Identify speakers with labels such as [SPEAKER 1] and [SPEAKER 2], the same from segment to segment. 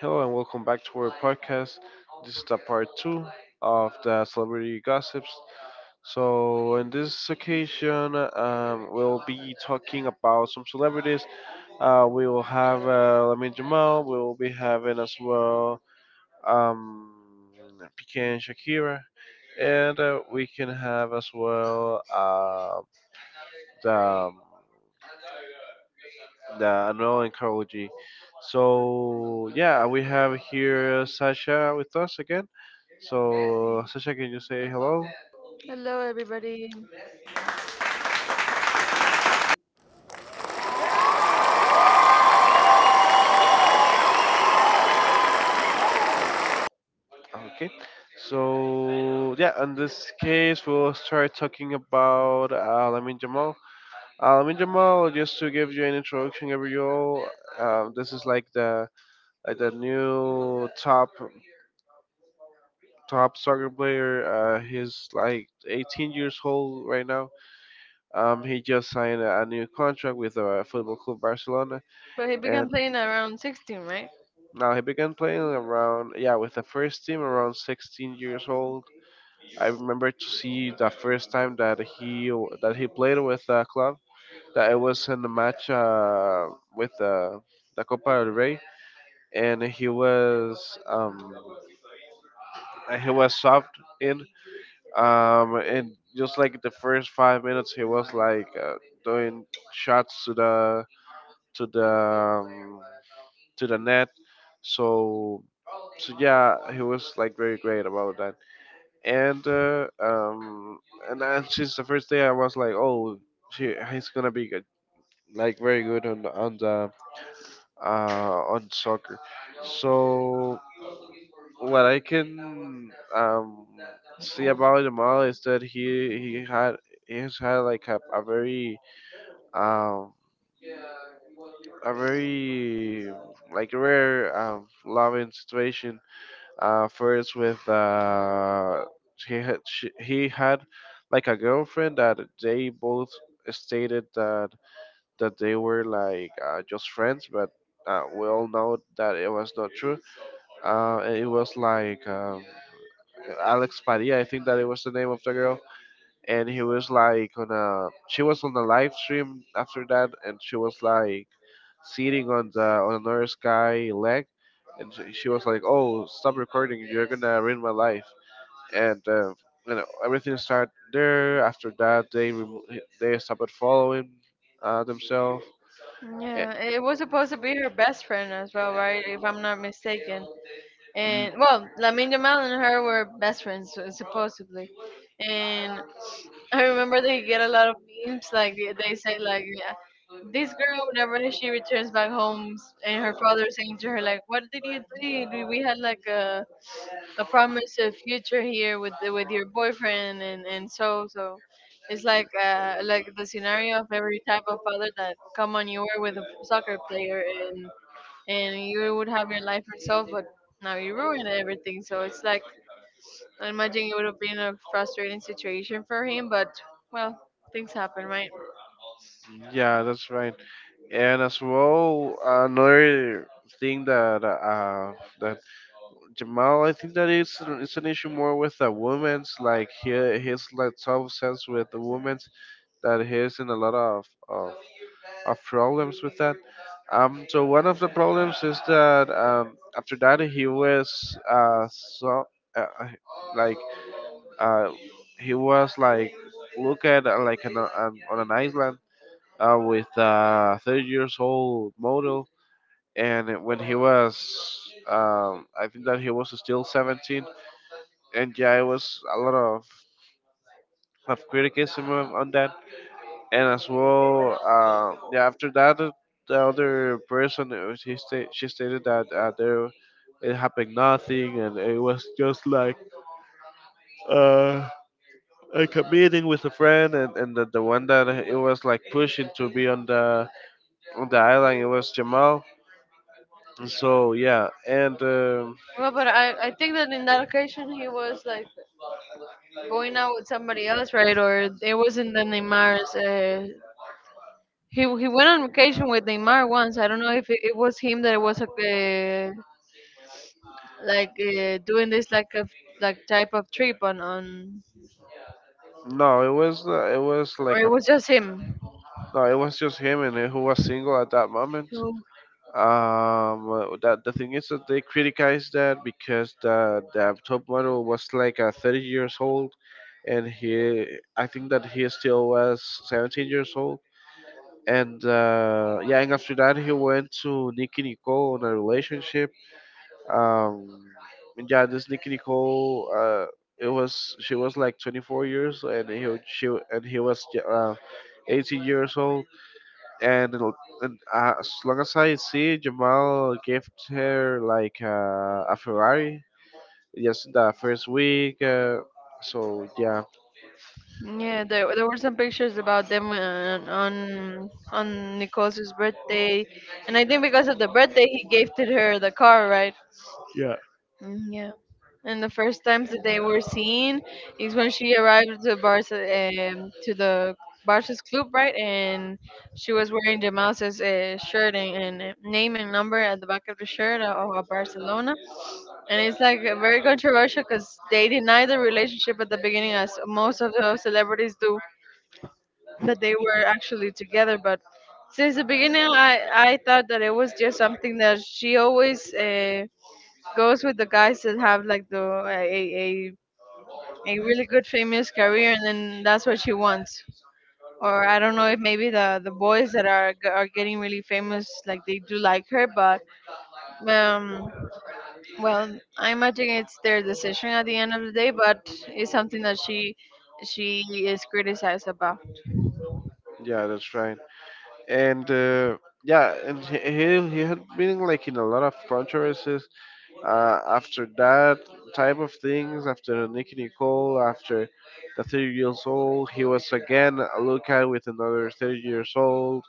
[SPEAKER 1] Hello and welcome back to our podcast. This is the part two of the celebrity gossips. So, in this occasion, we'll be talking about some celebrities. We will have Lamin Jamal. We will be having as well um, PK and Shakira, and we can have as well the the annual oncology. So yeah, we have here Sasha with us again. So Sasha, can you say hello?
[SPEAKER 2] Hello, everybody.
[SPEAKER 1] Okay. So yeah, in this case, we'll start talking about Lamin Jamal. Lamin Jamal, just to give you an introduction, Gabriel. This is like the new top soccer player. He's like 18 years old right now. He just signed a new contract with Football Club Barcelona,
[SPEAKER 2] But he began
[SPEAKER 1] and
[SPEAKER 2] playing around 16, right?
[SPEAKER 1] now he began playing around, yeah, with the first team around 16 years old. I remember to see the first time that he played with the club, that it was in the match with the Copa del Rey, and he was um, and he was subbed in, and just like the first 5 minutes, he was like doing shots to the to the um, to the net. So, so yeah, he was like very great about that. And uh, um, and then since the first day, I was like, oh, he's gonna be good, like very good on the- on the on soccer. So what I can um, see about Jamal is that he's had like a very um, a very like rare loving situation. First with he had like a girlfriend that they both stated that they were like just friends, but we all know that it was not true. And it was like Alex Padilla, I think that it was the name of the girl, and he was like on a she was on a live stream after that, and she was like sitting on the on another guy leg, and she was like, "Oh, stop recording! You're gonna ruin my life." and you know Everything started there. After that, they stopped following themselves. And,
[SPEAKER 2] Yeah, it was supposed to be her best friend as well, right? If I'm not mistaken.
[SPEAKER 1] y-
[SPEAKER 2] And well, Lamine Jamal and her were best friends supposedly. And I remember they get a lot of memes like they say like, yeah, this girl whenever she returns back home and her father saying to her like, what did you do? We had like a promise of future here with with your boyfriend and so it's like the scenario of every type of father that come on, you were with a soccer player and you would have your life yourself, but now you ruined everything. So it's like, I imagine it would have been a frustrating situation for him, but well, things happen, right?
[SPEAKER 1] yeah, that's right. And as well, another thing that Jamal, I think that it's an issue more with the women's, like he his like self sense with the women's, that he's in a lot of problems with that. So one of the problems is that after that he was so uh, like uh, he was like look at like an, on an island with a 30 years old model, and when he was I think that he was still 17, and yeah, it was a lot of criticism on that. And as well, yeah. After that, the other person she stated that there it happened nothing, and it was just like uh like a meeting with a friend, and the one that it was like pushing to be on the island, it was Jamal. So yeah, and
[SPEAKER 2] Well, but I think that in that occasion he was like going out with somebody else, right? Or it wasn't the Neymar's he went on vacation with Neymar once. I don't know if it was him that was like doing this like a like type of trip on
[SPEAKER 1] no, it was
[SPEAKER 2] or
[SPEAKER 1] like
[SPEAKER 2] it
[SPEAKER 1] a
[SPEAKER 2] was just him.
[SPEAKER 1] no, it was just him and who was single at that moment.
[SPEAKER 2] So,
[SPEAKER 1] That the thing is that they criticise that because the top model was like 30 years old, and he I think that he still was 17 years old. And yeah, and after that he went to Nicki Nicole on a relationship. um and yeah, this Nicki Nicole, it was she was like 24 years, and he was 18 years old. And, it'll- and uh, as long as I see, Jamal gave her like a Ferrari just the first week. So yeah.
[SPEAKER 2] yeah, there were some pictures about them on Nicole's birthday, and I think because of the birthday he gifted her the car, right?
[SPEAKER 1] Yeah.
[SPEAKER 2] Mm, yeah. And the first times that they were seen is when she arrived to Barca, to the Barca's club, right? And she was wearing Jamal's shirt and name and number at the back of the shirt of Barcelona. And it's like very controversial because they deny the relationship at the beginning, as most of the celebrities do, that they were actually together. But since the beginning, I thought that it was just something that she always. Goes with the guys that have like a a really good famous career, and then that's what she wants. Or I don't know if maybe the boys that are are getting really famous like they do like her, but um, well, I imagine it's their decision at the end of the day, but it's something that she is criticized about.
[SPEAKER 1] Yeah, that's right. And yeah, and he had been like in a lot of controversies after that type of things. After Nicky Nicole, after the 30 years old, he was again a lookout with another 30 years old.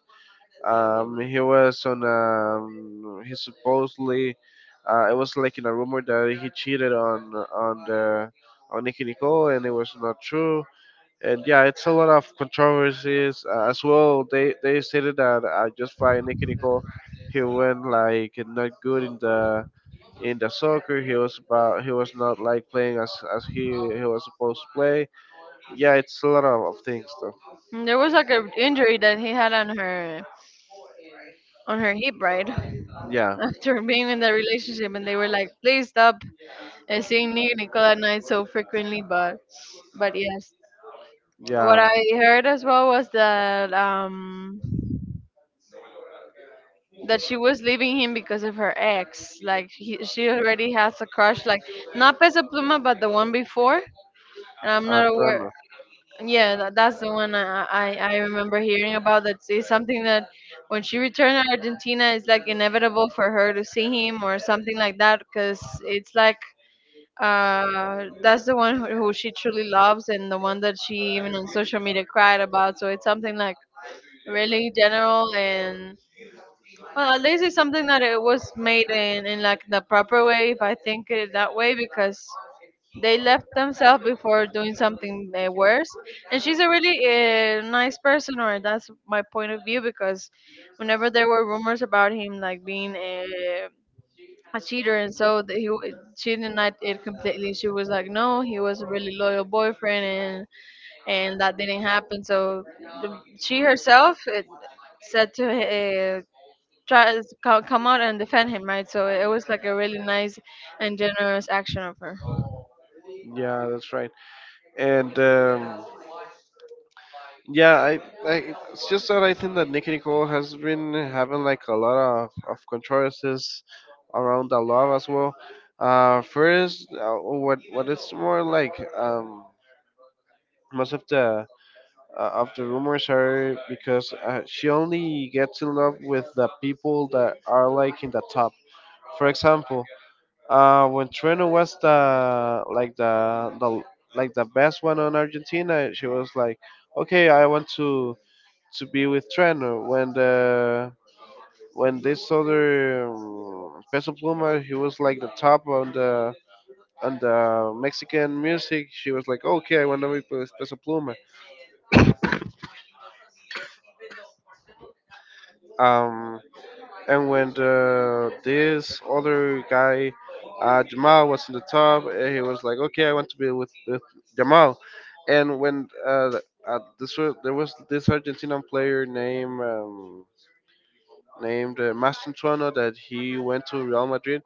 [SPEAKER 1] He was on. He supposedly. It was like in a rumor that he cheated on Nicki Nicole, and it was not true. And yeah, it's a lot of controversies as well. They stated that just by Nicki Nicole, he went like not good in the soccer. He was not like playing as he was supposed to play. Yeah, it's a lot of things though.
[SPEAKER 2] And there was like an injury that he had on her hip, right?
[SPEAKER 1] Yeah.
[SPEAKER 2] After being in the relationship, and they were like, please stop, I sing Nicki Nicole at night so frequently, but yes, what
[SPEAKER 1] Yeah,
[SPEAKER 2] I heard as well was that that she was leaving him because of her ex. Like she already has a crush, like not Peso Pluma, but the one before. And I'm not aware.
[SPEAKER 1] Toronto.
[SPEAKER 2] Yeah, that's the one I remember hearing about. That is something that when she returned to Argentina, it's like inevitable for her to see him or something like that, because it's like that's the one who she truly loves, and the one that she even on social media cried about. So it's something like really general. And well, at least it's something that it was made in like the proper way, if I think it that way, because they left themselves before doing something worse. And she's a really nice person, or that's my point of view, because whenever there were rumors about him like being a cheater and so he she denied it completely. She was like, no, he was a really loyal boyfriend, and that didn't happen. So she herself said to uh, try to come out and defend him, right? So it was like a really nice and generous action of her.
[SPEAKER 1] Yeah, that's right. And yeah, I it's just that I think that Nicky Nicole has been having like a lot of controversies around the love as well. First, what it's more like, most of the rumors are because she only gets in love with the people that are like in the top. For example, when Treno was the like the best one on Argentina, she was like, "Okay, I want to be with Treno." When this other Peso Pluma, he was like the top on the Mexican music. She was like, "Okay, I want to be with Peso Pluma." Um, And when this other guy, Jamal, was in the top, and he was like, "Okay, I want to be with Jamal." And when the- this was, there was this Argentinian player named Mastantuono, that he went to Real Madrid.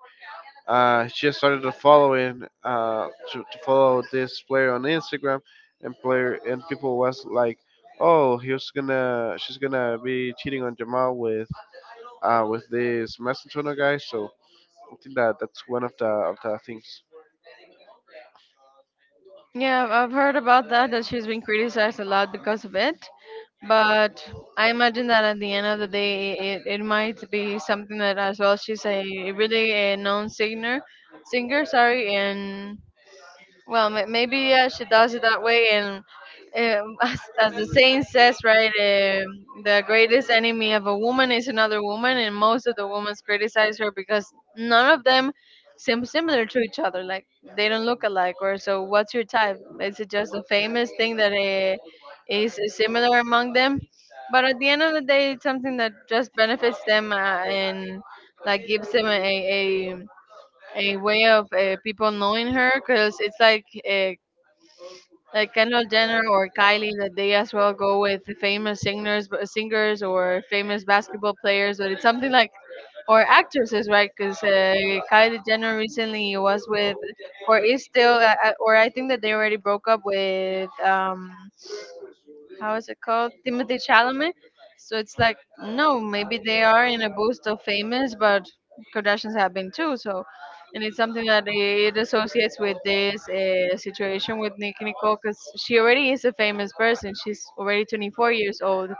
[SPEAKER 1] She started to follow this player on Instagram, and people was like, "Oh, he was gonna she's gonna be cheating on Jamal with with this mass internal guy." So I think that that's one of the things.
[SPEAKER 2] Yeah, I've heard about that, that she's been criticized a lot because of it. But I imagine that at the end of the day, it might be something that as well she's a really a known singer, sorry, and well, maybe yeah, she does it that way, and as the saying says, right, um, the greatest enemy of a woman is another woman, and most of the women criticize her because none of them seem similar to each other. Like they don't look alike, or so. What's your type? Is it just a famous thing that is similar among them? But at the end of the day, it's something that just benefits them and like gives them a a way of people knowing her, because it's like Kendall Jenner or Kylie, that they as well go with the famous singers or famous basketball players. But it's something like, or actresses, right? Because Kylie Jenner recently was with or is still or I think that they already broke up with um, how is it called? Timothy Chalamet. So it's like, no, maybe they are in a boost of famous, but Kardashians have been too. So, and it's something that it associates with this situation with Nicki Nicole, because she already is a famous person. She's already 24 years old,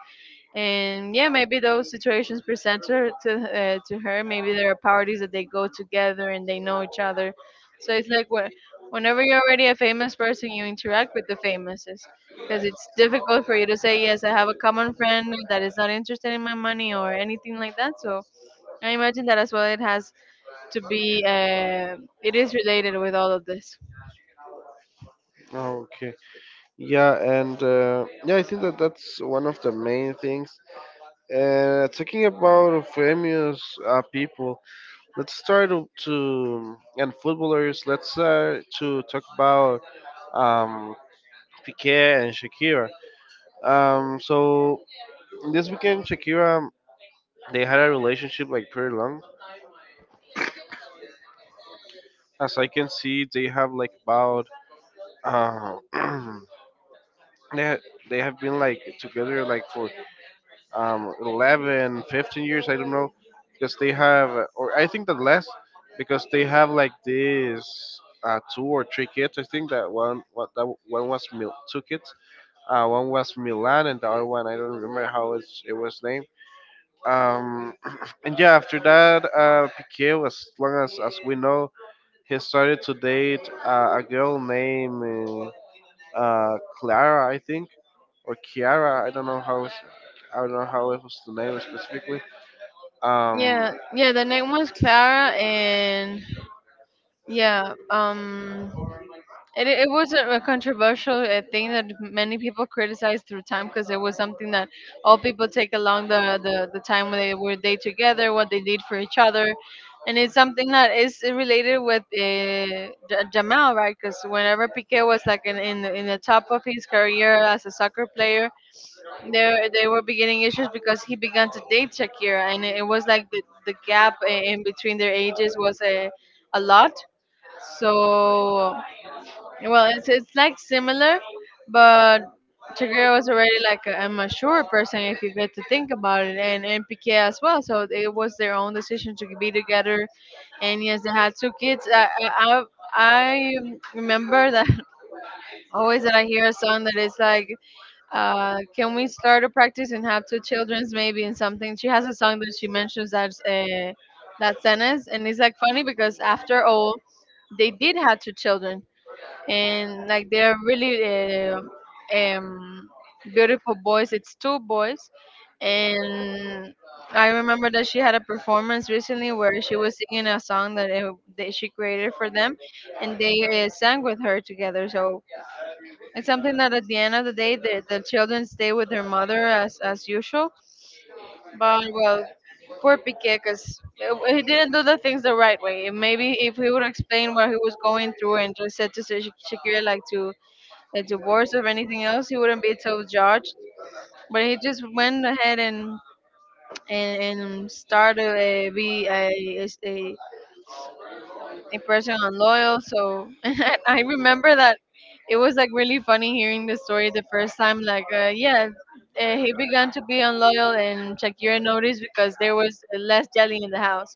[SPEAKER 2] and yeah, maybe those situations present her to her. Maybe there are parties that they go together and they know each other. So it's like whenever you're already a famous person, you interact with the famouses, because it's difficult for you to say, yes, I have a common friend that is not interested in my money or anything like that. So I imagine that as well it has to be it is related with all of this.
[SPEAKER 1] Okay. Yeah, and yeah, I think that that's one of the main things. Talking about famous people, let's start to and footballers. Let's start to talk about um, Piqué and Shakira. So this weekend, Shakira, they had a relationship like pretty long. As I can see, they have like about uh, they they have been like together like for 11, 15 years, I don't know, because they have, or I think that less, because they have like this two or three kids. I think that one, what that one was, Mil-, two kids, one was Milan and the other one, I don't remember how it was named. um and yeah, after that, Piquet, as long as we know, he started to date a girl named Clara, I think, or Kiara. I don't know how it was the name specifically. Um,
[SPEAKER 2] Yeah, yeah, the name was Clara, and yeah, um, it wasn't a controversial thing that many people criticized through time, because it was something that all people take along the time when they were they together, what they did for each other. And it's something that is related with Jamal, right? Because whenever Piqué was like in the top of his career as a soccer player, there they were beginning issues because he began to date Shakira. And it was like the gap in between their ages was a lot. So well, it's like similar, but Shakira was already like a mature person if you get to think about it, and Piqué as well. So it was their own decision to be together, and yes, they had two kids. I, I remember that always that I hear a song that is like, "Can we start a practice and have two childrens maybe?" and something. She has a song that she mentions that that sentence, and it's like funny because after all, they did have two children, and like they're really uh, um, beautiful boys. It's two boys, and I remember that she had a performance recently where she was singing a song that, that she created for them, and they sang with her together. So it's something that at the end of the day, the children stay with their mother as usual. But well, poor Piqué, because he didn't do the things the right way. Maybe if he would explain what he was going through and just said to Shakira, like to a divorce or anything else, he wouldn't be so judged. But he just went ahead and and started a, be a, a a person on loyal. So and I remember that it was like really funny hearing the story the first time. Like, yeah, he began to be unloyal, and Shakira noticed because there was less jelly in the house,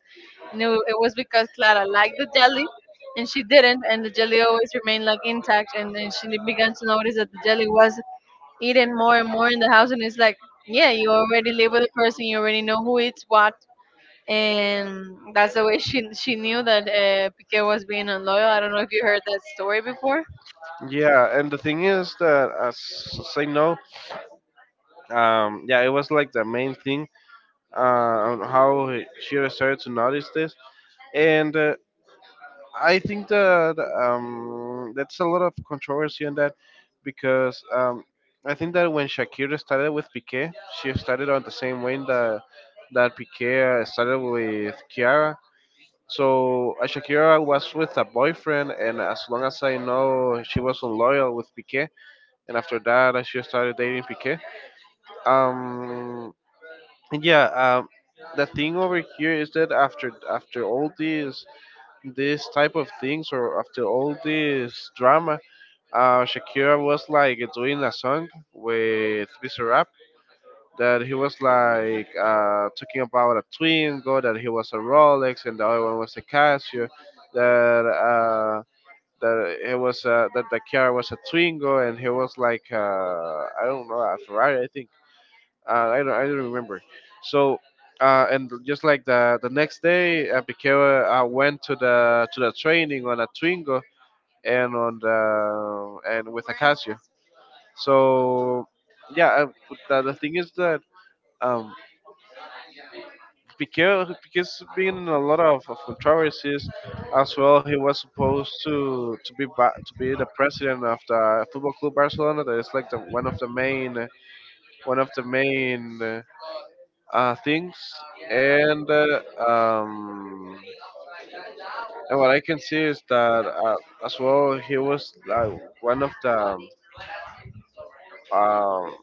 [SPEAKER 2] and it was because Clara liked the jelly. And she didn't, and the jelly always remained like intact. And then she began to notice that the jelly was eaten more and more in the house, and it's like, yeah, you already live with a person, you already know who eats what, and that's the way she knew that Piqué was being unloyal. I don't know if you heard that story before.
[SPEAKER 1] yeah, and the thing is that as say know, yeah, it was like the main thing on how she started to notice this, and I think that that's a lot of controversy on that because I think that when Shakira started with Piqué, she started on the same way that Piqué started with Kiara. So Shakira was with a boyfriend, and as long as I know, she was unloyal with Piqué, and after that, she started dating Piqué. Um, and yeah, um, the thing over here is that after all these this type of things, or after all this drama, Shakira was like doing a song with Bizarrap that he was like talking about a Twingo, that he was a Rolex, and the other one was a Casio. That uh, that the car was a Twingo, and he was like I don't know, a Ferrari, I think. I don't remember. So. And just like the next day, Piquet went to the training on a Twingo and on the and with a Casio. So yeah, the thing is that um, because been a lot of controversies as well. He was supposed to be the president of the Football Club Barcelona. That is like the, one of the main one of the main things. And uh, um, and what I can see is that uh, as well he was like one of the um,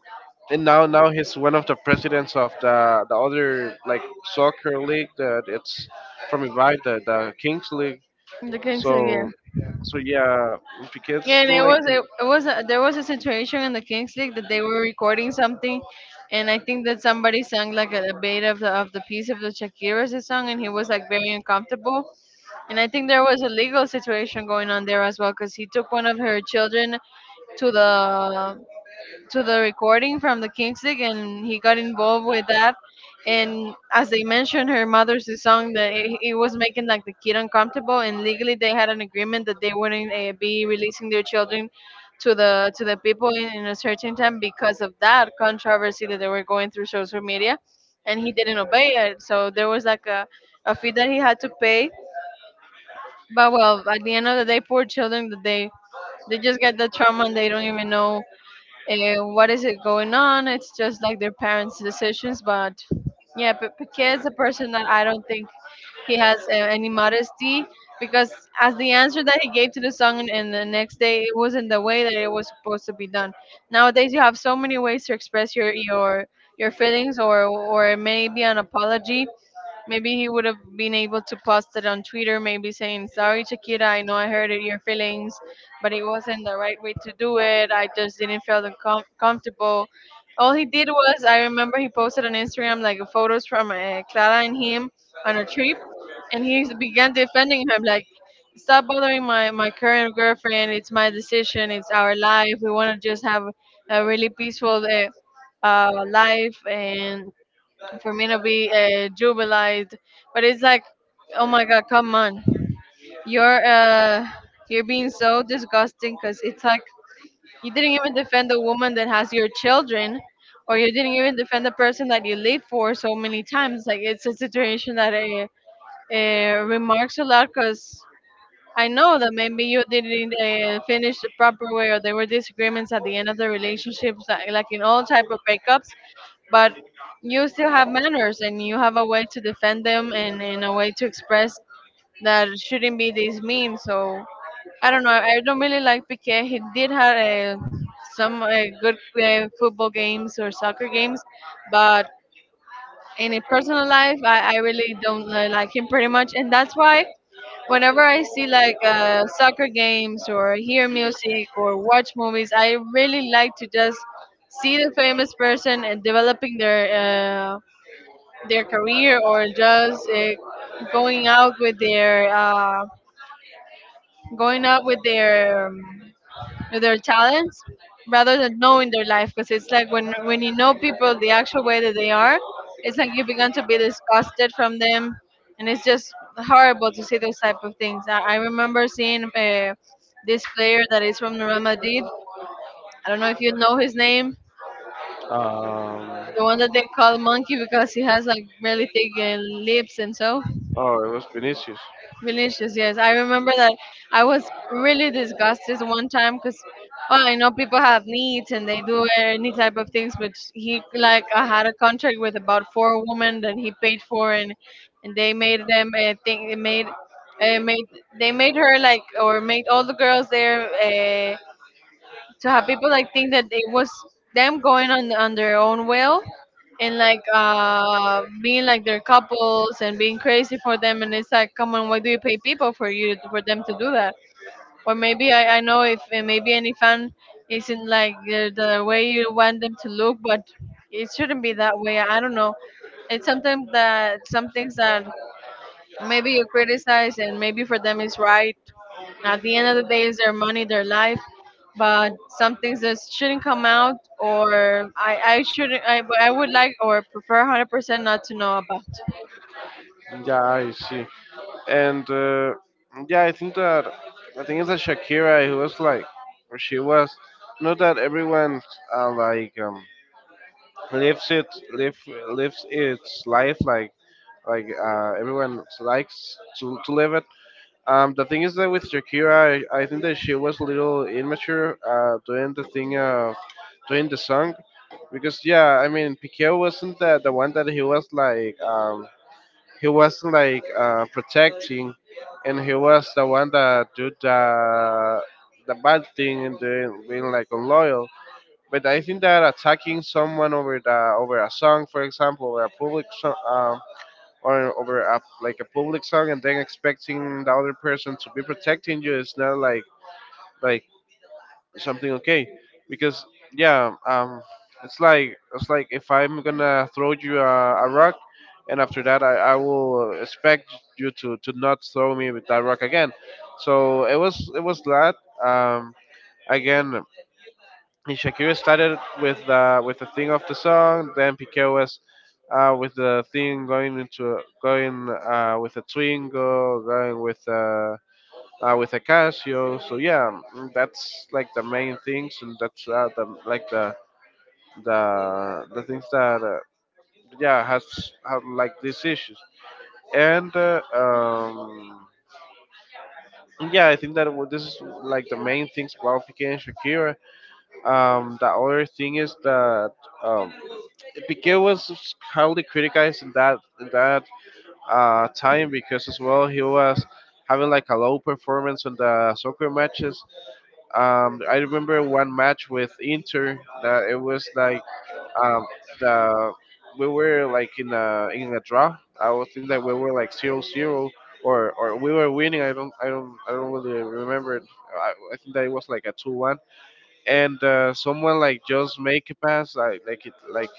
[SPEAKER 1] and now now he's one of the presidents of the other like soccer league that it's from Ibai, the Kings League.
[SPEAKER 2] In The Kings League, yeah.
[SPEAKER 1] So, so yeah, because
[SPEAKER 2] Yeah, and
[SPEAKER 1] like,
[SPEAKER 2] it was a, there was a situation in the Kings League that they were recording something, and I think that somebody sang like a bit of of the piece of the Shakira's song, and he was like very uncomfortable. And I think there was a legal situation going on there as well, because he took one of her children to the to the recording from the Kings League, and he got involved with that. And as they mentioned, her mother's the song that it was making like the kid uncomfortable, and legally they had an agreement that they wouldn't be releasing their children to the people in a certain time because of that controversy that they were going through social media, and he didn't obey it. So there was like a fee that he had to pay. But well, at the end of the day, poor children that they just get the trauma and they don't even know and what is it going on? It's just like their parents' decisions. But yeah, Piquet is a person that I don't think he has any modesty because as the answer that he gave to the song and the next day it wasn't the way that it was supposed to be done. Nowadays you have so many ways to express your feelings or maybe an apology. Maybe he would have been able to post it on Twitter, maybe saying, sorry, Shakira, I know I hurted your feelings, but it wasn't the right way to do it. I just didn't feel comfortable. All he did was, I remember he posted on Instagram like photos from Clara and him on a trip, and he began defending him like, stop bothering my current girlfriend. It's my decision. It's our life. We want to just have a really peaceful life and for me to be jubilized. But it's like, oh my god, come on, you're uh, you're being so disgusting because it's like you didn't even defend the woman that has your children, or you didn't even defend the person that you live for so many times. Like it's a situation that remarks a lot because. I know that maybe you didn't finish the proper way, or there were disagreements at the end of the relationships, like in all type of breakups. But you still have manners, and you have a way to defend them, and a way to express that it shouldn't be this mean. So I don't know. I don't really like Piqué. He did have some good football games or soccer games, but in a personal life, I really don't like him pretty much, and that's why whenever I see like soccer games or hear music or watch movies, I really like to just see the famous person and developing their career or just going out with their uh, going out with their talents rather than knowing their life because it's like when you know people the actual way that they are, it's like you begin to be disgusted from them, and it's just horrible to see those type of things. I remember seeing this player that is from Real Madrid. I don't know if you know his name,
[SPEAKER 1] um,
[SPEAKER 2] the one that they call monkey because he has like really thick lips and so.
[SPEAKER 1] oh, it was Vinicius.
[SPEAKER 2] Delicious, yes. I remember that I was really disgusted one time because, well, I know people have needs and they do any type of things, but he like I had a contract with about four women that he paid for, and they made them think they made. Made they made her like or made all the girls there to have people like think that it was them going on their own will and like being like their couples and being crazy for them. And it's like come on, why do you pay people for you for them to do that? Or maybe I know if maybe any fan isn't like the way you want them to look, but it shouldn't be that way. I don't know, it's something that some things that maybe you criticize, and maybe for them it's right. At the end of the day, it's their money, their life. But some things that shouldn't come out, or I shouldn't, I would like or prefer 100% not to know about.
[SPEAKER 1] Yeah, I see. And yeah, I think it's that Shakira who was like, or she was, not that everyone like lives it, live lives its life like everyone likes to live it. The thing is that with Shakira, I think that she was a little immature doing the thing of doing the song, because yeah, I mean, Piqué wasn't the one that he wasn't like protecting, and he was the one that did the bad thing and then being like unloyal. But I think that attacking someone over a song, for example, or a public song or over like a public song and then expecting the other person to be protecting you is not like like something okay, because yeah, it's like if I'm gonna throw you a rock, and after that, I will expect you to not throw me with that rock again. So it was that, um again, and Shakira started with the theme of the song. Then Piqué was with the theme, going into going with a Twingo, going with a Casio. So yeah, that's like the main things, and that's the like the things that yeah has have like these issues. And yeah, I think that this is like the main things about Piqué and Shakira. The other thing is that. Um, Piquet was highly criticized in that time, because as well, he was having like a low performance on the soccer matches. I remember one match with Inter that it was like um, the we were like in a draw. I would think that we were like 0-0, or we were winning. I don't really remember it. I think that it was like a 2-1, and someone like just make a pass like it like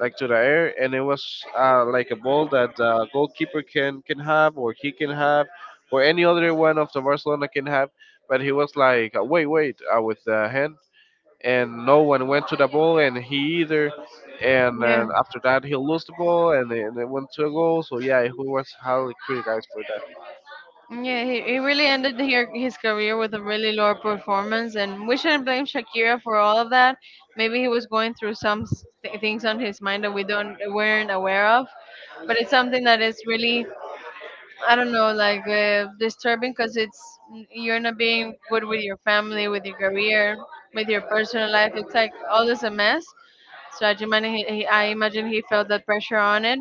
[SPEAKER 1] like to the air, and it was like a ball that the goalkeeper can have, or he can have, or any other one of the Barcelona can have. But he was like, wait, wait, with the hand, and no one went to the ball, and he either. And then
[SPEAKER 2] Yeah,
[SPEAKER 1] after that, he lost the ball, and then and it went to a goal. So yeah, he was highly criticized for that.
[SPEAKER 2] yeah, he really ended here his career with a really low performance, and we shouldn't blame Shakira for all of that. Maybe he was going through some things on his mind that we don't weren't aware of, but it's something that is really I don't know, like disturbing because it's you're not being good with your family, with your career, with your personal life. It's like all is a mess. So I imagine I imagine he felt that pressure on it.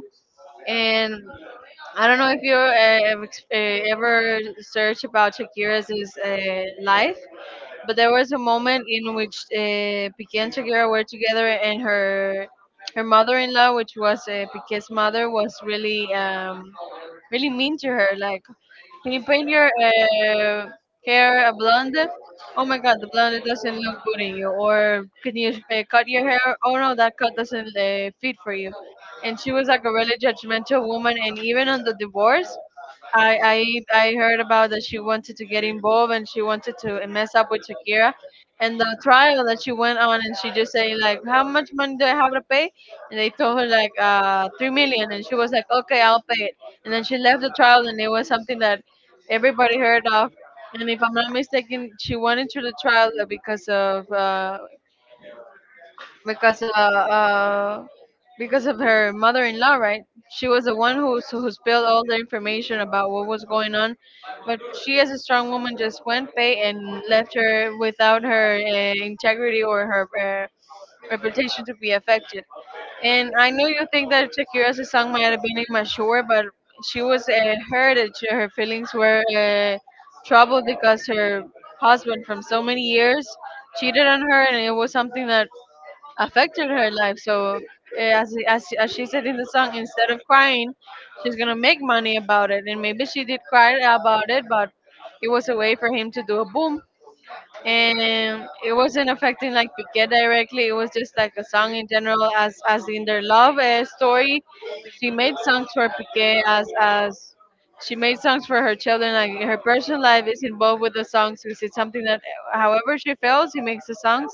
[SPEAKER 2] And I don't know if you ever searched about Shakira's life, but there was a moment in which Piqué and Shakira were together, and her mother-in-law, which was Piqué's mother, was really really mean to her. Like, can you paint your hair a blonde? Oh my god, the blonde doesn't look good in you. Or can you cut your hair? Oh no, that cut doesn't fit for you. And she was like a really judgmental woman. And even on the divorce, I, I I heard about that she wanted to get involved and she wanted to mess up with Shakira, and the trial that she went on and she just saying like, how much money do I have to pay? And they told her like, 3 million, and she was like, okay, I'll pay it. And then she left the trial, and it was something that everybody heard of. And if I'm not mistaken, she went into the trial because of because uh, uh because of her mother-in-law, right? She was the one who spilled all the information about what was going on, but she, as a strong woman, just went pay and left her without her integrity or her uh, reputation to be affected. And I know you think that Shakira's song might have been immature, but she was hurt. Her feelings were troubled because her husband, from so many years, cheated on her, and it was something that affected her life. So as she said in the song, instead of crying, she's gonna make money about it. And maybe she did cry about it, but it was a way for him to do a boom, and it wasn't affecting like Piquet directly. It was just like a song in general, as in their love story. She made songs for Piquet as she made songs for her children. Like her personal life is involved with the songs because it's something that, however she feels, she makes the songs,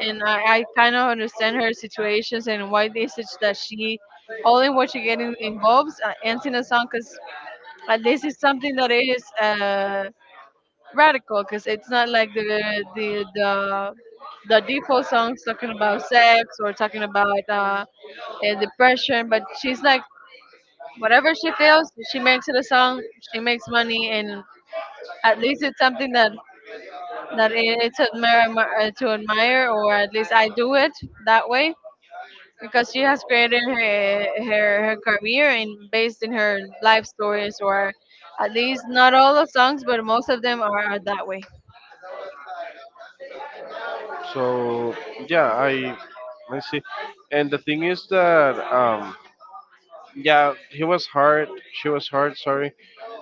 [SPEAKER 2] and I kind of understand her situations and why they such that she, all in what she getting involves ends in a song because at least it's something that is. Radical because it's not like the default songs talking about sex or talking about depression. But she's like whatever she feels, she makes it a song. She makes money, and at least it's something that that to admire, or at least I do it that way because she has created her career and based in her life stories or. At least not all the songs, but most of them are that way.
[SPEAKER 1] So yeah, I see. And the thing is that, yeah, he was hard. She was hard. Sorry,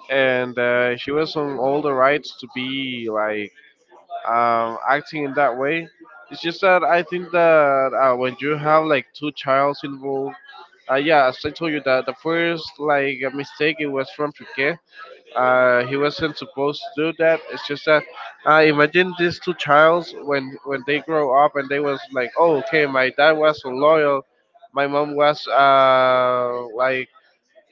[SPEAKER 1] and she was on all the rights to be like acting in that way. It's just that I think that when you have like two childs involved. Yeah, as I told you, that the first like mistake, it was from Piquet. He wasn't supposed to do that. It's just that imagine these two childs when they grow up, and they was like, oh, okay, my dad was so loyal, my mom was like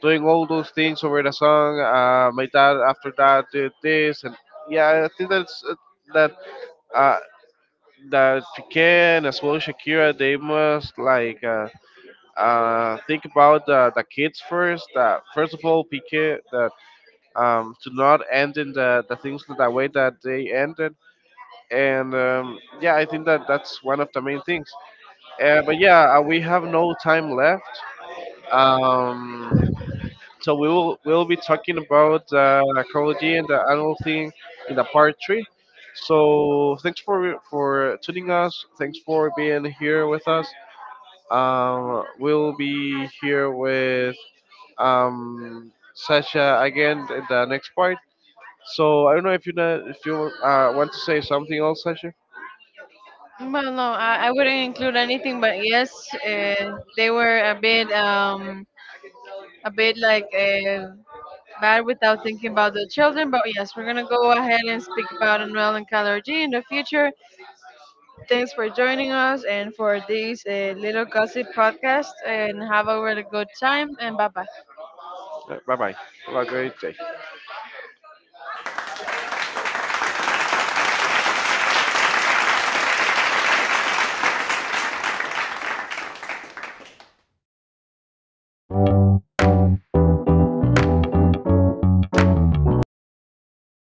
[SPEAKER 1] doing all those things over the song. My dad after that did this, and yeah, I think that's that uh that Piquet and as well Shakira, they must like. Think about the kids first. That first of all, PK that, to not end in the things in the way that they ended. And yeah, I think that that's one of the main things. But yeah, we have no time left. Um, so we'll be talking about ecology and the animal thing in the part three. So thanks for tuning us. Thanks for being here with us. We'll be here with Sasha again in the next part. So I don't know if you want to say something else, Sasha.
[SPEAKER 2] Well, no, I wouldn't include anything, but yes, they were a bit like bad without thinking about the children. But yes, we're gonna go ahead and speak about Anuel and Calor G in the future. Thanks for joining us and for this little gossip podcast. And have a really good time. And bye bye.
[SPEAKER 1] Bye bye. Have a great day.